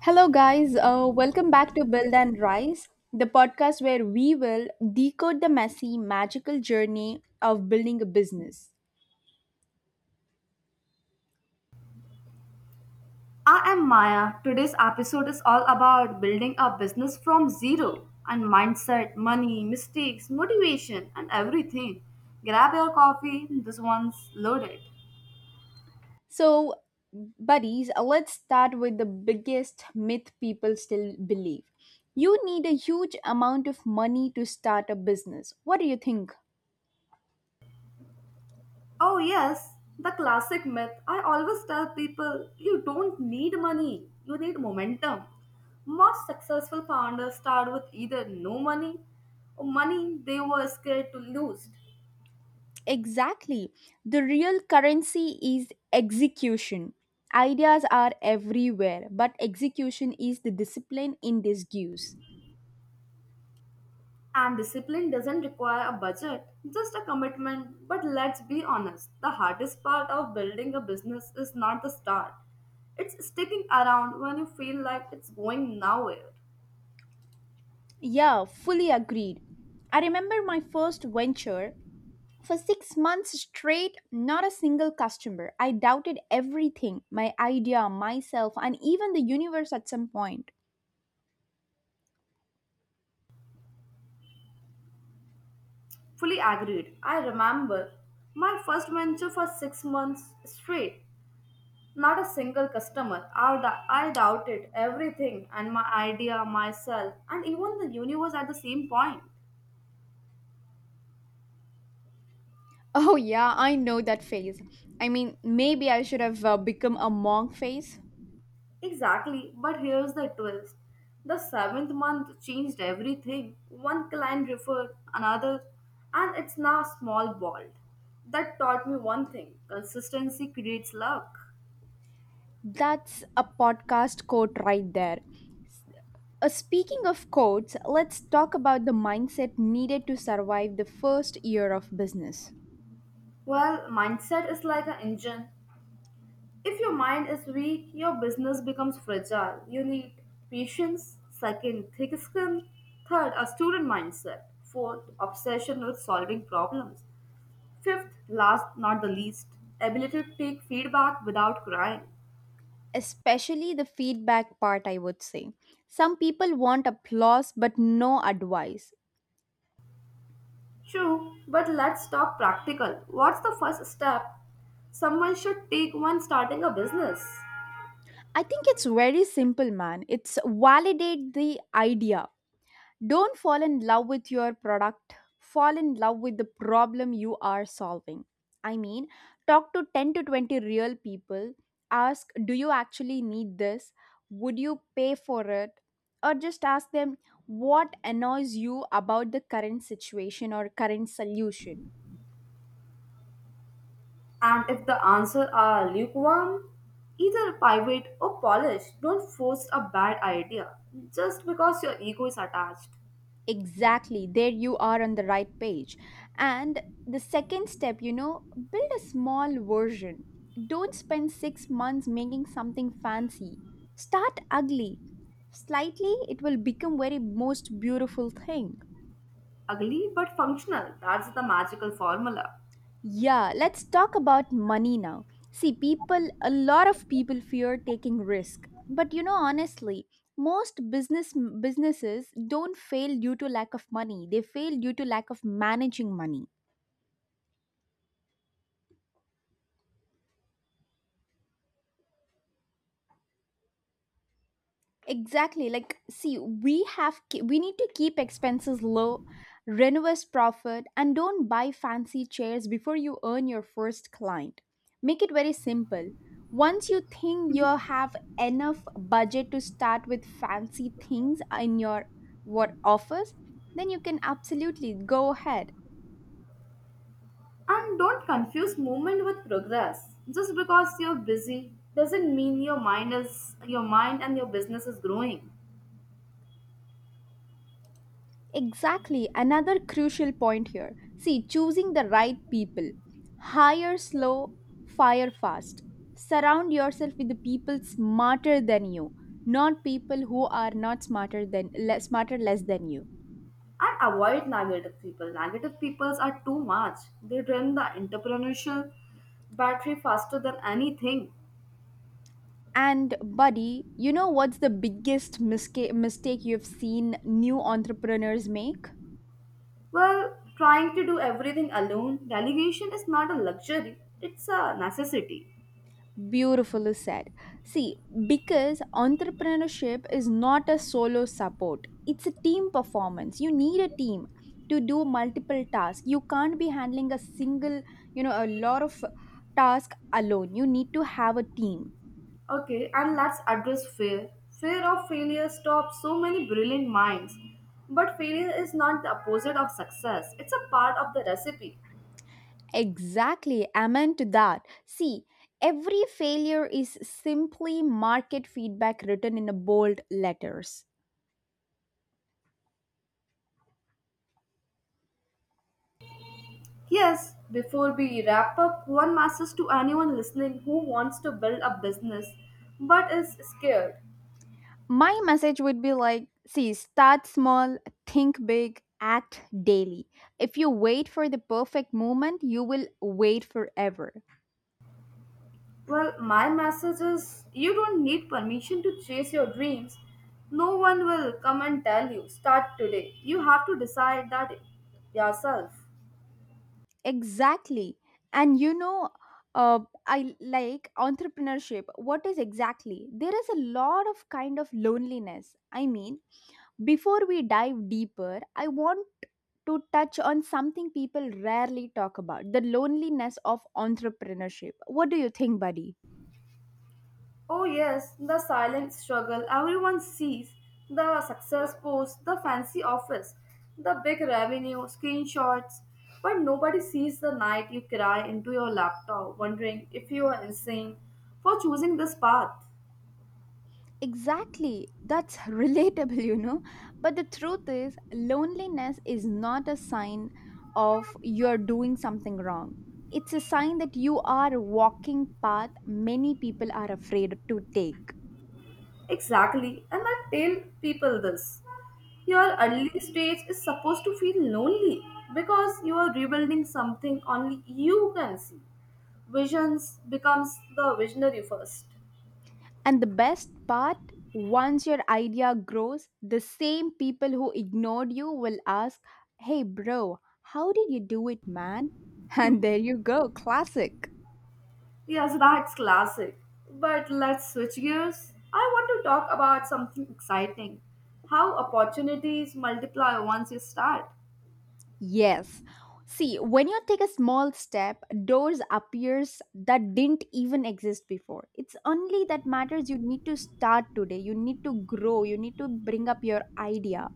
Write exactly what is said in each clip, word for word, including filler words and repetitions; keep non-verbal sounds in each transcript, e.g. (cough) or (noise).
Hello, guys. Uh, welcome back to Build and Rise, the podcast where we will decode the messy, magical journey of building a business. I am Maya. Today's episode is all about building a business from zero and mindset, money, mistakes, motivation, and everything. Grab your coffee, this one's loaded. So, buddies, uh, let's start with the biggest myth people still believe. You need a huge amount of money to start a business. What do you think? Oh, yes, the classic myth. I always tell people you don't need money, you need momentum. Most successful founders start with either no money or money they were scared to lose. Exactly. The real currency is execution. Ideas are everywhere, but execution is the discipline in disguise. And discipline doesn't require a budget, just a commitment. But let's be honest, the hardest part of building a business is not the start. It's sticking around when you feel like it's going nowhere. Yeah, fully agreed. I remember my first venture. For six months straight, not a single customer. I doubted everything, my idea, myself, and even the universe at some point. Fully agreed. I remember my first venture for six months straight. Not a single customer. I, dou- I doubted everything and my idea, myself, and even the universe at the same point. Oh, yeah, I know that phase. I mean, maybe I should have uh, become a monk phase. Exactly, but here's the twist. The seventh month changed everything. One client referred another, and it's now small bald. That taught me one thing consistency creates luck. That's a podcast quote right there. Uh, speaking of quotes, let's talk about the mindset needed to survive the first year of business. Well, mindset is like an engine. If your mind is weak, your business becomes fragile. You need patience, second, thick skin, third, a student mindset, fourth, obsession with solving problems, fifth, last not the least, ability to take feedback without crying. Especially the feedback part, I would say. Some people want applause but no advice. True, but let's talk practical. What's the first step someone should take when starting a business? I think it's very simple, man. It's validate the idea. Don't fall in love with your product, fall in love with the problem you are solving. I mean, talk to ten to twenty real people, ask, do you actually need this? Would you pay for it? Or just ask them, what annoys you about the current situation or current solution? And if the answer are lukewarm, either pivot or polish. Don't force a bad idea just because your ego is attached. Exactly. There you are on the right page. And the second step, you know, build a small version. Don't spend six months making something fancy. Start ugly. Slightly, it will become very most beautiful thing. Ugly but functional. That's the magical formula. Yeah, let's talk about money now. See, people, a lot of people fear taking risk. But you know, honestly, most business businesses don't fail due to lack of money. They fail due to lack of managing money. Exactly, like see, we have ke- we need to keep expenses low, renovate profit, and don't buy fancy chairs before you earn your first client. Make it very simple. Once you think you have enough budget to start with fancy things in your, what, office, then you can absolutely go ahead. And don't confuse movement with progress. Just because you're busy doesn't mean your mind is your mind and your business is growing. Exactly, another crucial point here. See, choosing the right people. Hire slow, fire fast. Surround yourself with the people smarter than you, not people who are not smarter than less smarter less than you. And avoid negative people. Negative people are too much. They drain the entrepreneurial battery faster than anything. And buddy, you know what's the biggest misca- mistake you've seen new entrepreneurs make? Well, trying to do everything alone, delegation is not a luxury, it's a necessity. Beautifully said. See, because entrepreneurship is not a solo support, it's a team performance. You need a team to do multiple tasks. You can't be handling a single, you know, a lot of task alone. You need to have a team. Okay, and let's address fear. Fear of failure stops so many brilliant minds. But failure is not the opposite of success, it's a part of the recipe. Exactly. Amen to that. See, every failure is simply market feedback written in a bold letters. Yes, before we wrap up, one message to anyone listening who wants to build a business but is scared. My message would be like, see, start small, think big, act daily. If you wait for the perfect moment, you will wait forever. Well, my message is you don't need permission to chase your dreams. No one will come and tell you, start today. You have to decide that yourself. Exactly. And you know, uh, I like entrepreneurship. What is exactly, there is a lot of kind of loneliness. I mean, before we dive deeper, I want to touch on something people rarely talk about, the loneliness of entrepreneurship. What do you think, buddy? Oh, yes, the silent struggle everyone sees, the success post, the fancy office, the big revenue, screenshots, but nobody sees the night you cry into your laptop wondering if you are insane for choosing this path. Exactly. That's (laughs) relatable, you know. But the truth is, loneliness is not a sign of you're doing something wrong. It's a sign that you are a walking path many people are afraid to take. Exactly, and I tell people this. Your early stage is supposed to feel lonely because you are rebuilding something only you can see. Visions becomes the visionary first. And the best part, once your idea grows, the same people who ignored you will ask, "Hey bro, how did you do it, man?" (laughs) And there you go, classic. Yes, that's classic. But let's switch gears. I want to talk about something exciting. How opportunities multiply once you start. Yes. See, when you take a small step, doors appears that didn't even exist before. It's only that matters, you need to start today. You need to grow. You need to bring up your idea.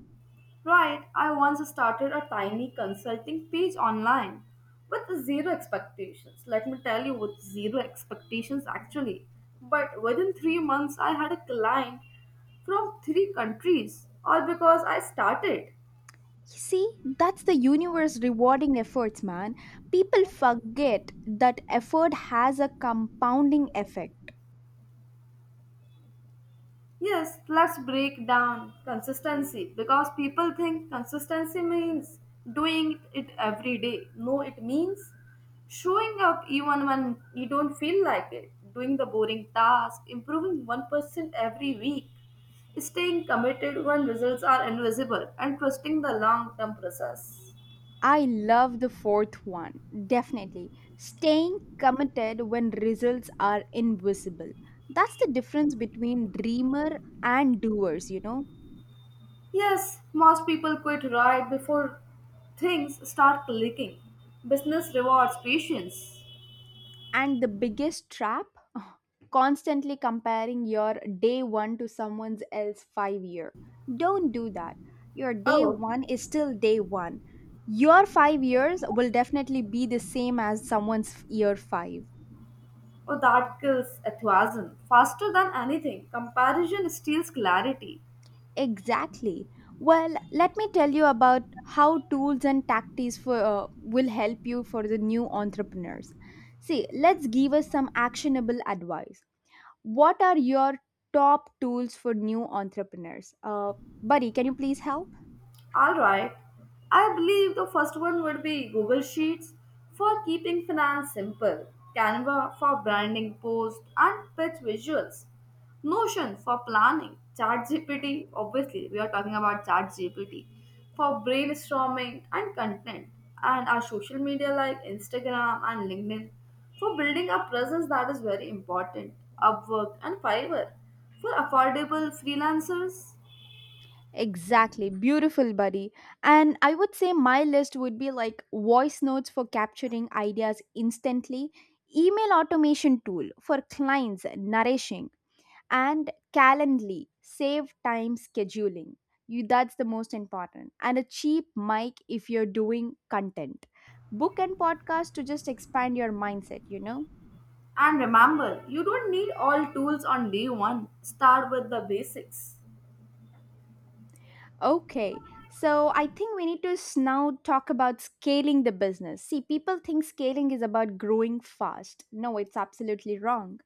Right, I once started a tiny consulting page online with zero expectations. Let me tell you, with zero expectations actually. But within three months, I had a client from three countries, all because I started. You see, that's the universe rewarding efforts, man. People forget that effort has a compounding effect. Yes, let's break down consistency because people think consistency means doing it every day. No, it means showing up even when you don't feel like it, doing the boring task, improving one percent every week, staying committed when results are invisible, and trusting the long term process. I love the fourth one, definitely. Staying committed when results are invisible. That's the difference between dreamer and doers, you know. Yes, most people quit right before things start clicking. Business rewards patience. And the biggest trap (sighs) constantly comparing your day one to someone else five year. Don't do that. Your day Oh. one is still day one. Your five years will definitely be the same as someone's year five. Oh, that kills enthusiasm faster than anything. Comparison steals clarity. Exactly. Well, let me tell you about how tools and tactics for uh, will help you for the new entrepreneurs. See, let's give us some actionable advice. What are your top tools for new entrepreneurs? Uh, buddy, can you please help? All right. I believe the first one would be Google Sheets for keeping finance simple, Canva for branding posts and pitch visuals, Notion for planning, ChatGPT, obviously, we are talking about ChatGPT, for brainstorming and content, and our social media like Instagram and LinkedIn for building a presence that is very important, Upwork and Fiverr for affordable freelancers. Exactly. Beautiful, buddy. And I would say my list would be like voice notes for capturing ideas instantly, email automation tool for clients nourishing, and calendly save time scheduling you. That's the most important. And a cheap mic if you're doing content, book and podcast to just expand your mindset, you know. And remember, you don't need all tools on day one. Start with the basics. Okay, so I think we need to s- now talk about scaling the business. See, people think scaling is about growing fast. No, it's absolutely wrong.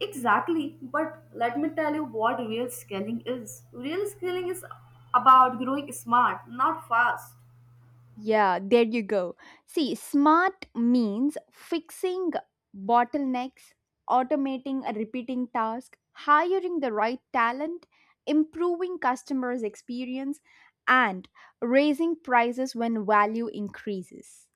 Exactly, but let me tell you what real scaling is. Real scaling is about growing smart, not fast. Yeah, there you go. See, smart means fixing bottlenecks, automating a repeating task, hiring the right talent, improving customers' experience, and raising prices when value increases.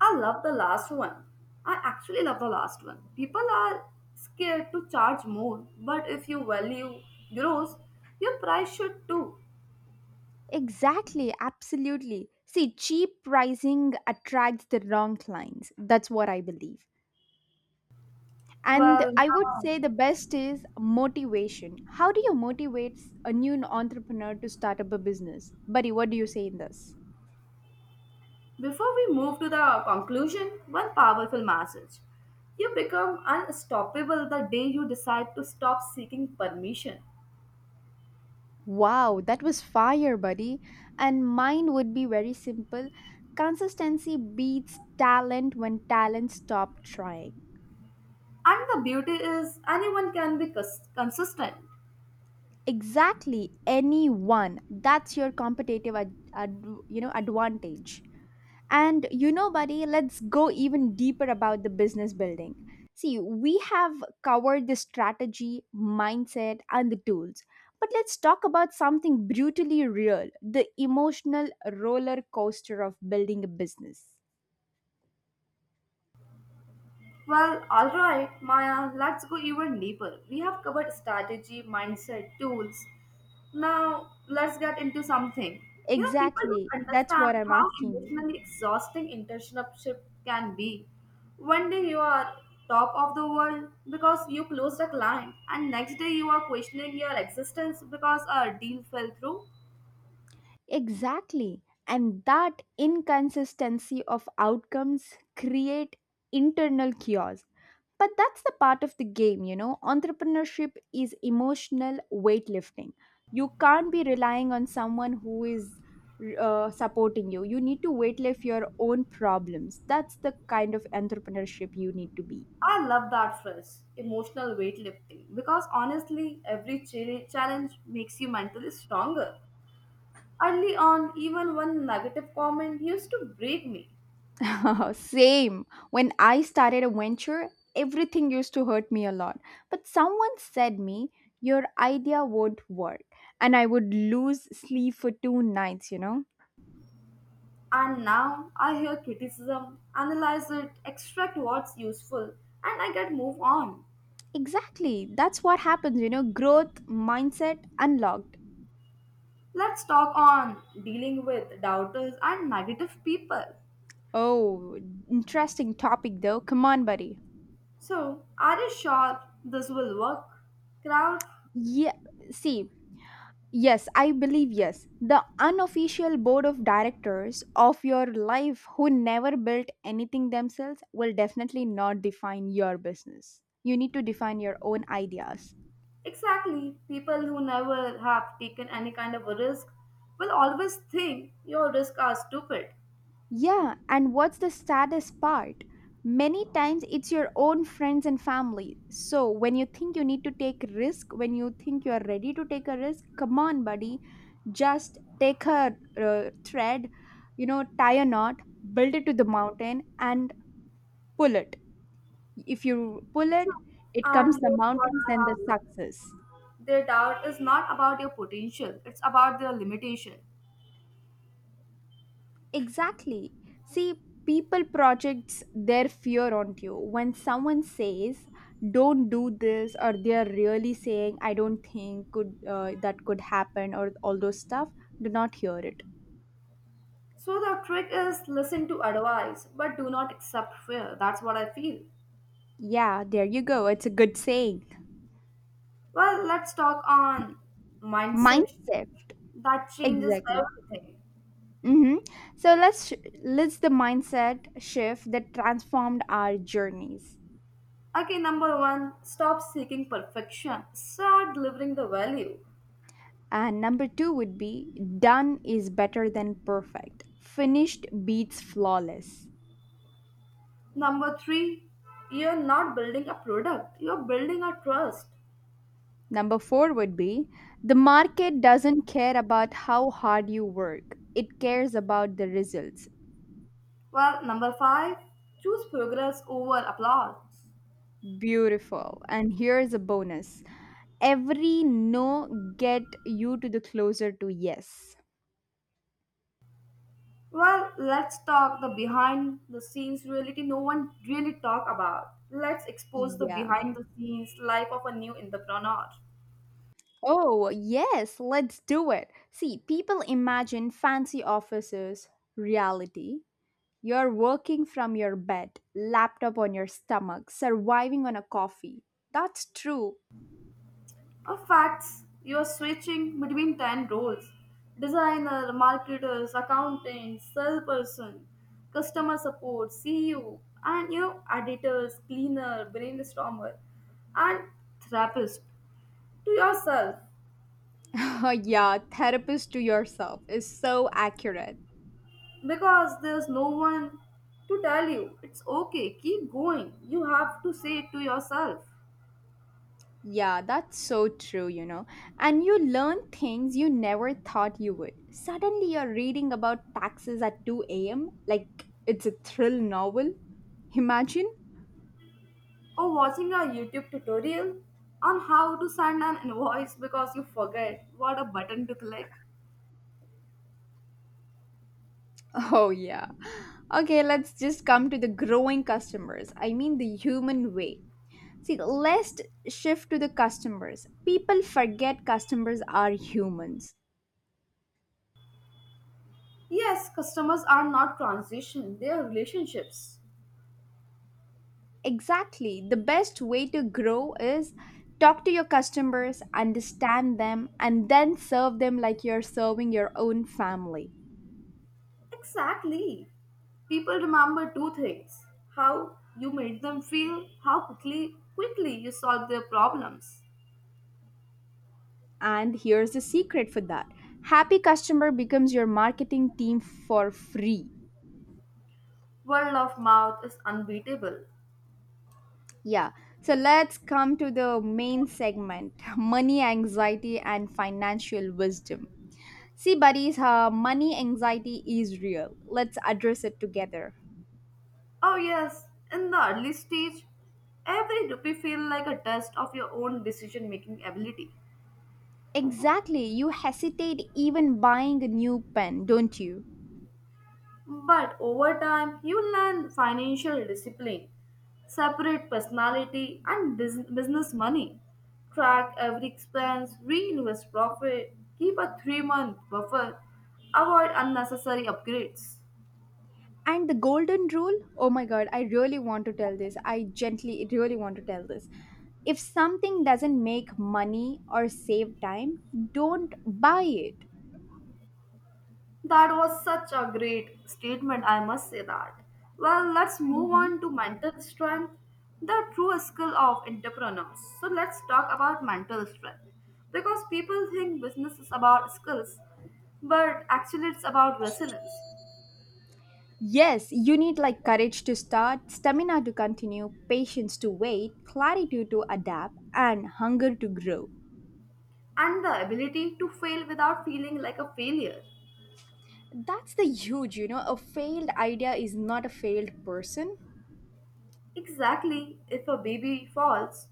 I love the last one. I actually love the last one. People are scared to charge more, but if you value growth, your price should too. Exactly, absolutely. See, cheap pricing attracts the wrong clients. That's what I believe. And Well, I would now say the best is motivation. How do you motivate a new entrepreneur to start up a business? Buddy, what do you say in this? before we move to the conclusion, one powerful message. You become unstoppable the day you decide to stop seeking permission. Wow, that was fire, buddy. And mine would be very simple. Consistency beats talent when talent stop trying. And the beauty is, anyone can be cons- consistent. Exactly, anyone. That's your competitive ad, ad, you know, advantage. And you know, buddy, let's go even deeper about the business building. See, we have covered the strategy, mindset, and the tools. But let's talk about something brutally real, the emotional roller coaster of building a business. Well, alright, Maya, let's go even deeper. We have covered strategy, mindset, tools. Now, let's get into something. You know, people Exactly. don't That's understand what I'm how asking you. emotionally exhausting internship can be. One day you are top of the world because you closed a client, and next day you are questioning your existence because a deal fell through. Exactly. And that inconsistency of outcomes create internal chaos. But that's the part of the game, you know. Entrepreneurship is emotional weightlifting. You can't be relying on someone who is uh, supporting you. You need to weightlift your own problems. That's the kind of entrepreneurship you need to be. I love that phrase, emotional weightlifting, because honestly, every ch- challenge makes you mentally stronger. Early on, even one negative comment used to break me. (laughs) Same. When I started a venture, everything used to hurt me a lot. But someone said me, your idea won't work. And I would lose sleep for two nights, you know. And now I hear criticism, analyze it, extract what's useful, and I get move on. Exactly. That's what happens, you know, growth mindset unlocked. Let's talk on dealing with doubters and negative people. Oh, interesting topic though. Come on, buddy. So, are you sure this will work? Crowd? Yeah, see, yes, I believe yes. The unofficial board of directors of your life who never built anything themselves will definitely not define your business. You need to define your own ideas. Exactly. People who never have taken any kind of a risk will always think your risks are stupid. Yeah, and what's the saddest part? Many times it's your own friends and family. So when you think you need to take risk, when you think you are ready to take a risk, come on, buddy, just take a uh, thread, you know, tie a knot, build it to the mountain, and pull it. If you pull it, True. it And comes the here's what mountains, I then the have learned. success. Their doubt is not about your potential, it's about their limitation. Exactly. See, people projects their fear onto you. When someone says, "Don't do this," or they are really saying, "I don't think could uh, that could happen," or all those stuff, do not hear it. So the trick is listen to advice, but do not accept fear. That's what I feel. Yeah, there you go. It's a good saying. Well, let's talk on mindset Mindset. that changes Exactly. everything. Mm-hmm. So let's sh- let's the mindset shift that transformed our journeys. Okay, number one, stop seeking perfection. Start delivering the value. And number two would be done is better than perfect. Finished beats flawless. Number three, you're not building a product, you're building a trust. Number four would be the market doesn't care about how hard you work, it cares about the results. Well, number five, choose progress over applause. Beautiful. And here's a bonus, every no get you to the closer to yes. Well, let's talk the behind the scenes reality no one really talk about. Let's expose the Yeah. behind the scenes life of a new entrepreneur. Oh, yes, let's do it. See, people imagine fancy offices, reality. You're working from your bed, laptop on your stomach, surviving on a coffee. That's true. Of facts, you are switching between ten roles. Designer, marketers, accountant, salesperson, customer support, C E O, and you know, editors, cleaner, brainstormer, and therapist to yourself. (laughs) Yeah, therapist to yourself is so accurate. Because there's no one to tell you it's okay, keep going, you have to say it to yourself. Yeah, that's so true, you know. And you learn things you never thought you would. Suddenly, you're reading about taxes at two a m like it's a thrill novel. Imagine? (laughs) Or watching a YouTube tutorial on how to send an invoice because you forget what a button to click. Oh, yeah. Okay, let's just come to the growing customers. I mean, the human way. See, let's shift to the customers. People forget customers are humans. Yes, customers are not transition, they are relationships. Exactly. The best way to grow is talk to your customers, understand them, and then serve them like you're serving your own family. Exactly, people remember two things: how you made them feel, how quickly quickly you solved their problems. And here's the secret for that, happy customer becomes your marketing team for free. Word of mouth is unbeatable. Yeah. So let's come to the main segment, (laughs) money, anxiety, and financial wisdom. See, buddies, uh, money anxiety is real. Let's address it together. Oh yes, in the early stage, every rupee feels like a test of your own decision-making ability. Exactly. You hesitate even buying a new pen, don't you? But over time, you learn financial discipline, separate personality and bus- business money, track every expense, reinvest profit, keep a three-month buffer, avoid unnecessary upgrades. And the golden rule? Oh my god, I really want to tell this. I gently really want to tell this. If something doesn't make money or save time, don't buy it. That was such a great statement, I must say that. Well, let's move Mhm. on to mental strength, the true skill of entrepreneurs. So, let's talk about mental strength. Because people think business is about skills, but actually, it's about resilience Yes, you need like courage to start, stamina to continue, patience to wait, clarity to adapt, and hunger to grow. and the ability to fail without feeling like a failure. That's the huge, you know, a failed idea is not a failed person. Exactly, if a baby falls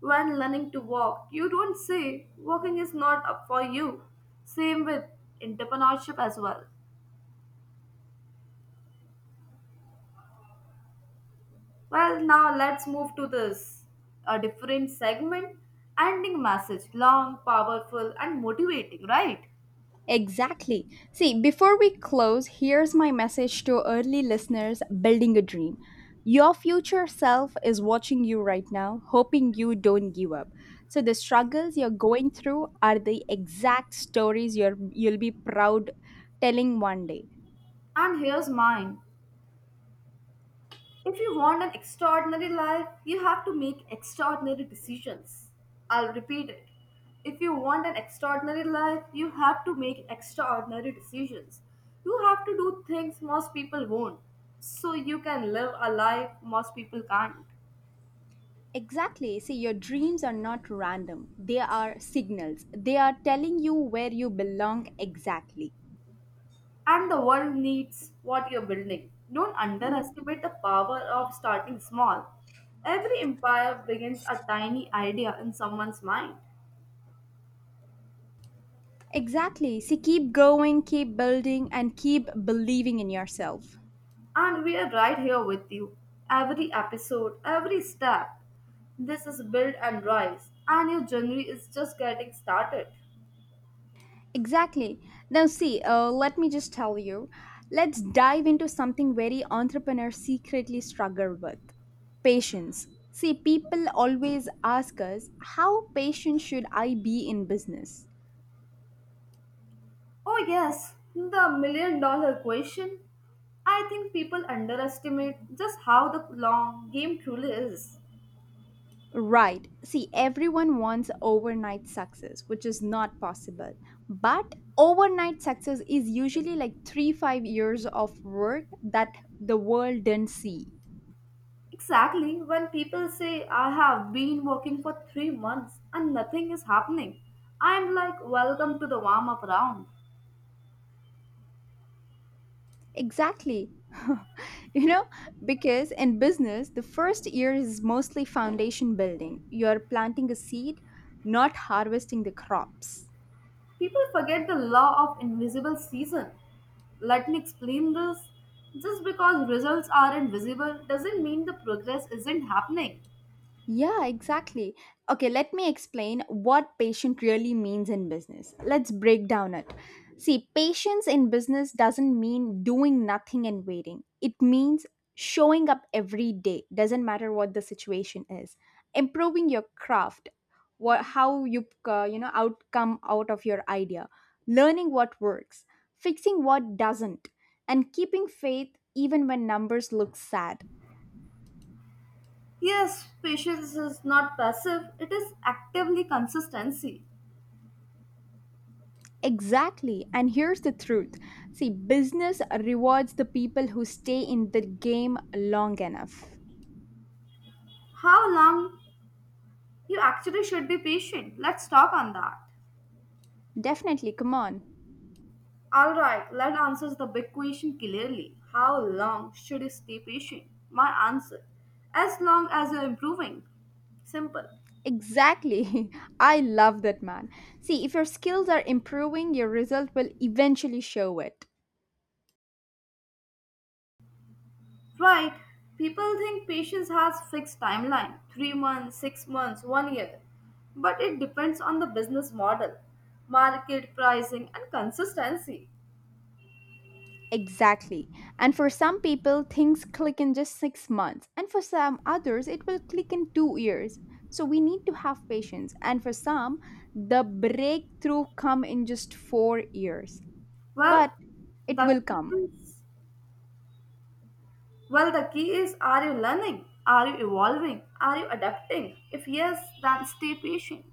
when learning to walk, you don't say walking is not up for you. Same with entrepreneurship as well. Well, now let's move to this, a different segment. Ending message long, powerful, and motivating, right? Exactly. See, before we close, here's my message to early listeners building a dream. Your future self is watching you right now, hoping you don't give up. So the struggles you're going through are the exact stories you're you'll be proud telling one day. And here's mine. If you want an extraordinary life, you have to make extraordinary decisions. I'll repeat it. If you want an extraordinary life, you have to make extraordinary decisions. You have to do things most people won't, so you can live a life most people can't. Exactly. See, your dreams are not random. They are signals. They are telling you where you belong exactly. And the world needs what you're building. Don't underestimate the power of starting small. Every empire begins a tiny idea in someone's mind, Exactly. See, keep going, keep building, and keep believing in yourself. and we are right here with you. Every episode, every step, this is Build and Rise, and your journey is just getting started. Exactly. Now, see, uh, let me just tell you. Let's dive into something very entrepreneurs secretly struggle with patience. See, people always ask us, how patient should I be in business? Oh, yes, the million dollar question. I think people underestimate just how the long game truly is. Right. See, everyone wants overnight success, which is not possible. But overnight success is usually like three, five years of work that the world didn't see. Exactly, when people say, I have been working for three months and nothing is happening, I'm like, welcome to the warm up round. Exactly. (laughs) you know, because in business, the first year is mostly foundation building. You're planting a seed, not harvesting the crops. People forget the law of invisible season. Let me explain this. Just because results are invisible doesn't mean the progress isn't happening. Yeah, exactly. Okay, let me explain what patient really means in business. Let's break down it. See, patience in business doesn't mean doing nothing and waiting. It means showing up every day, doesn't matter what the situation is. Improving your craft, what how you uh, you know outcome out of your idea, learning what works, fixing what doesn't, and keeping faith even when numbers look sad. Yes, patience is not passive, it is actively consistency. Exactly. And here's the truth. See, business rewards the people who stay in the game long enough. How long you actually should be patient? Let's talk on that. Definitely, come on. Alright, let let's answer the big question clearly. How long should you stay patient? My answer. As long as you're improving. Simple. Exactly. (laughs) I love that, man. See, if your skills are improving, your result will eventually show it. Right. People think patience has fixed timeline. three months, six months, one year. But it depends on the business model, market pricing and consistency. Exactly. And for some people, things click in just six months. And for some others, it will click in two years. So we need to have patience. And for some, the breakthrough come in just four years. Well, But it the will key come, is, well the key is, are you learning? Are you evolving? Are you adapting? If yes, then stay patient.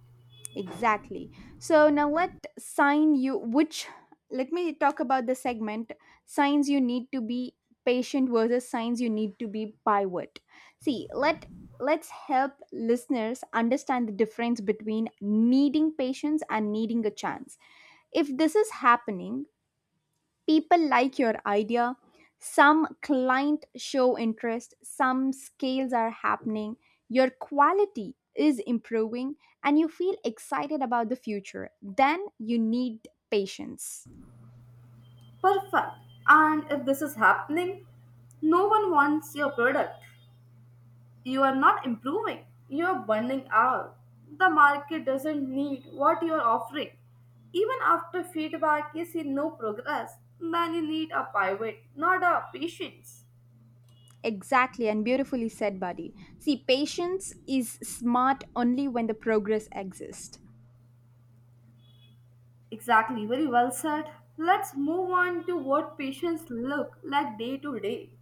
exactly. So now let sign you which, let me talk about the segment, signs you need to be patient versus signs you need to be pivot. See let Let's help listeners understand the difference between needing patience and needing a chance. If this is happening, people like your idea. Some client show interest, some scales are happening, your quality is improving, and you feel excited about the future. Then you need patience. Perfect. And if this is happening, no one wants your product. You are not improving, you are burning out. The market doesn't need what you are offering. Even after feedback, you see no progress, then you need a pivot, not a patience. Exactly, and beautifully said, buddy. See, patience is smart only when the progress exists. Exactly, very well said. Let's move on to what patients look like day to day.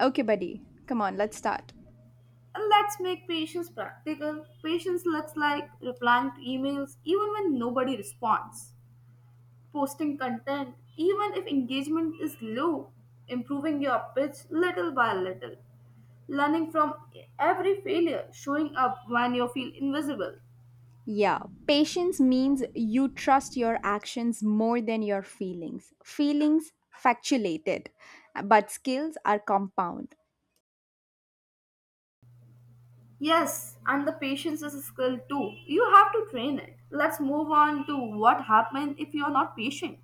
Okay, buddy, come on, let's start. And let's make patients practical. Patients looks like replying to emails even when nobody responds. Posting content, even if engagement is low, improving your pitch little by little, learning from every failure, showing up when you feel invisible. Yeah, patience means you trust your actions more than your feelings. Feelings factulated, but skills are compound. Yes, and the patience is a skill too. You have to train it. Let's move on to what happens if you are not patient.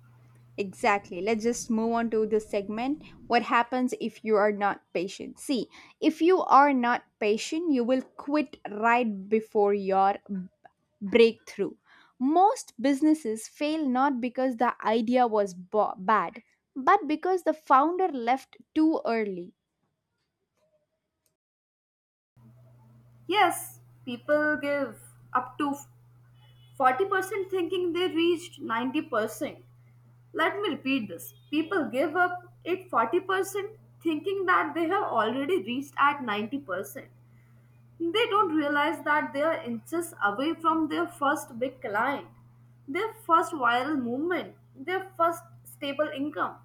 Exactly. Let's just move on to this segment. What happens if you are not patient? See, if you are not patient, you will quit right before your breakthrough. Most businesses fail not because the idea was bo- bad, but because the founder left too early. Yes, people give up to forty percent thinking they reached ninety percent. Let me repeat this. People give up at forty percent thinking that they have already reached at ninety percent. They don't realize that they are inches away from their first big client, their first viral movement, their first stable income.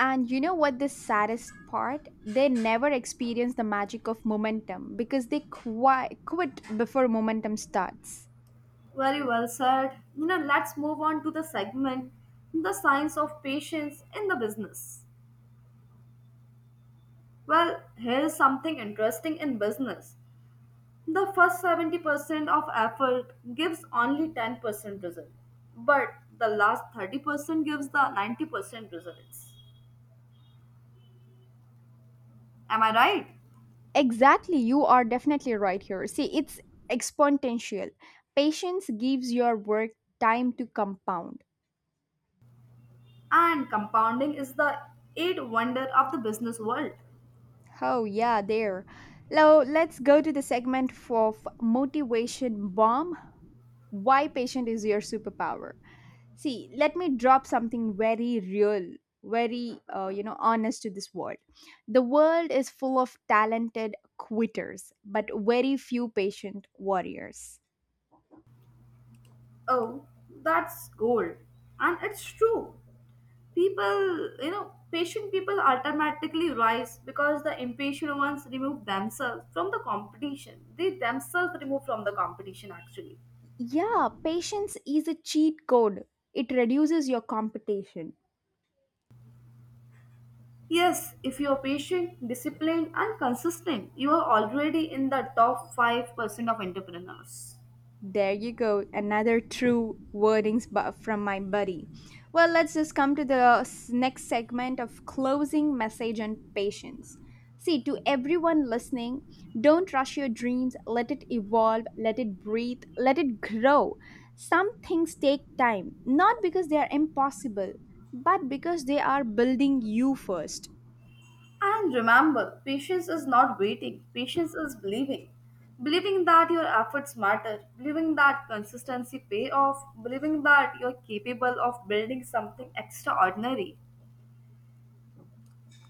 And you know what the saddest part? They never experience the magic of momentum because they qui- quit before momentum starts. Very well said. You know, let's move on to the segment, the science of patience in the business. Well, here is something interesting in business. The first seventy percent of effort gives only ten percent result, but the last thirty percent gives the ninety percent results, am I right? Exactly, you are definitely right here. See, it's exponential. Patience gives your work time to compound. And compounding is the eight wonder of the business world. Oh, yeah, there. Now, let's go to the segment for motivation bomb. Why patient is your superpower? See, let me drop something very real, very uh, you know honest to this world. The world is full of talented quitters but very few patient warriors. Oh, that's gold. And it's true. People, you know, patient people automatically rise because the impatient ones remove themselves from the competition, they themselves remove from the competition actually. Yeah, patience is a cheat code. It reduces your competition. Yes, if you're patient, disciplined, and consistent, you are already in the top five percent of entrepreneurs. There you go, another true wordings bu- from my buddy. Well, let's just come to the s- next segment of closing message and patience. See, to everyone listening, don't rush your dreams. Let it evolve, let it breathe, let it grow. Some things take time, not because they are impossible, but because they are building you first. And remember, patience is not waiting, patience is believing. Believing that your efforts matter, believing that consistency pay off, believing that you're capable of building something extraordinary.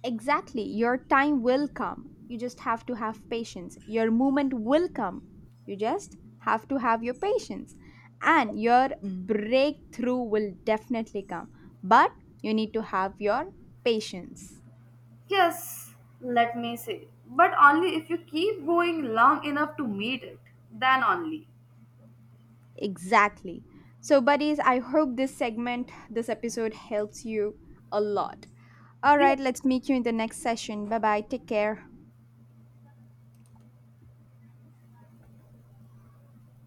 Exactly. Your time will come. You just have to have patience. Your moment will come. You just have to have your patience. And your breakthrough will definitely come. But you need to have your patience. Yes, let me say, but only if you keep going long enough to meet it, then only. Exactly. So, buddies, I hope this segment, this episode helps you a lot. All Yeah. right, let's meet you in the next session. Bye bye. Take care.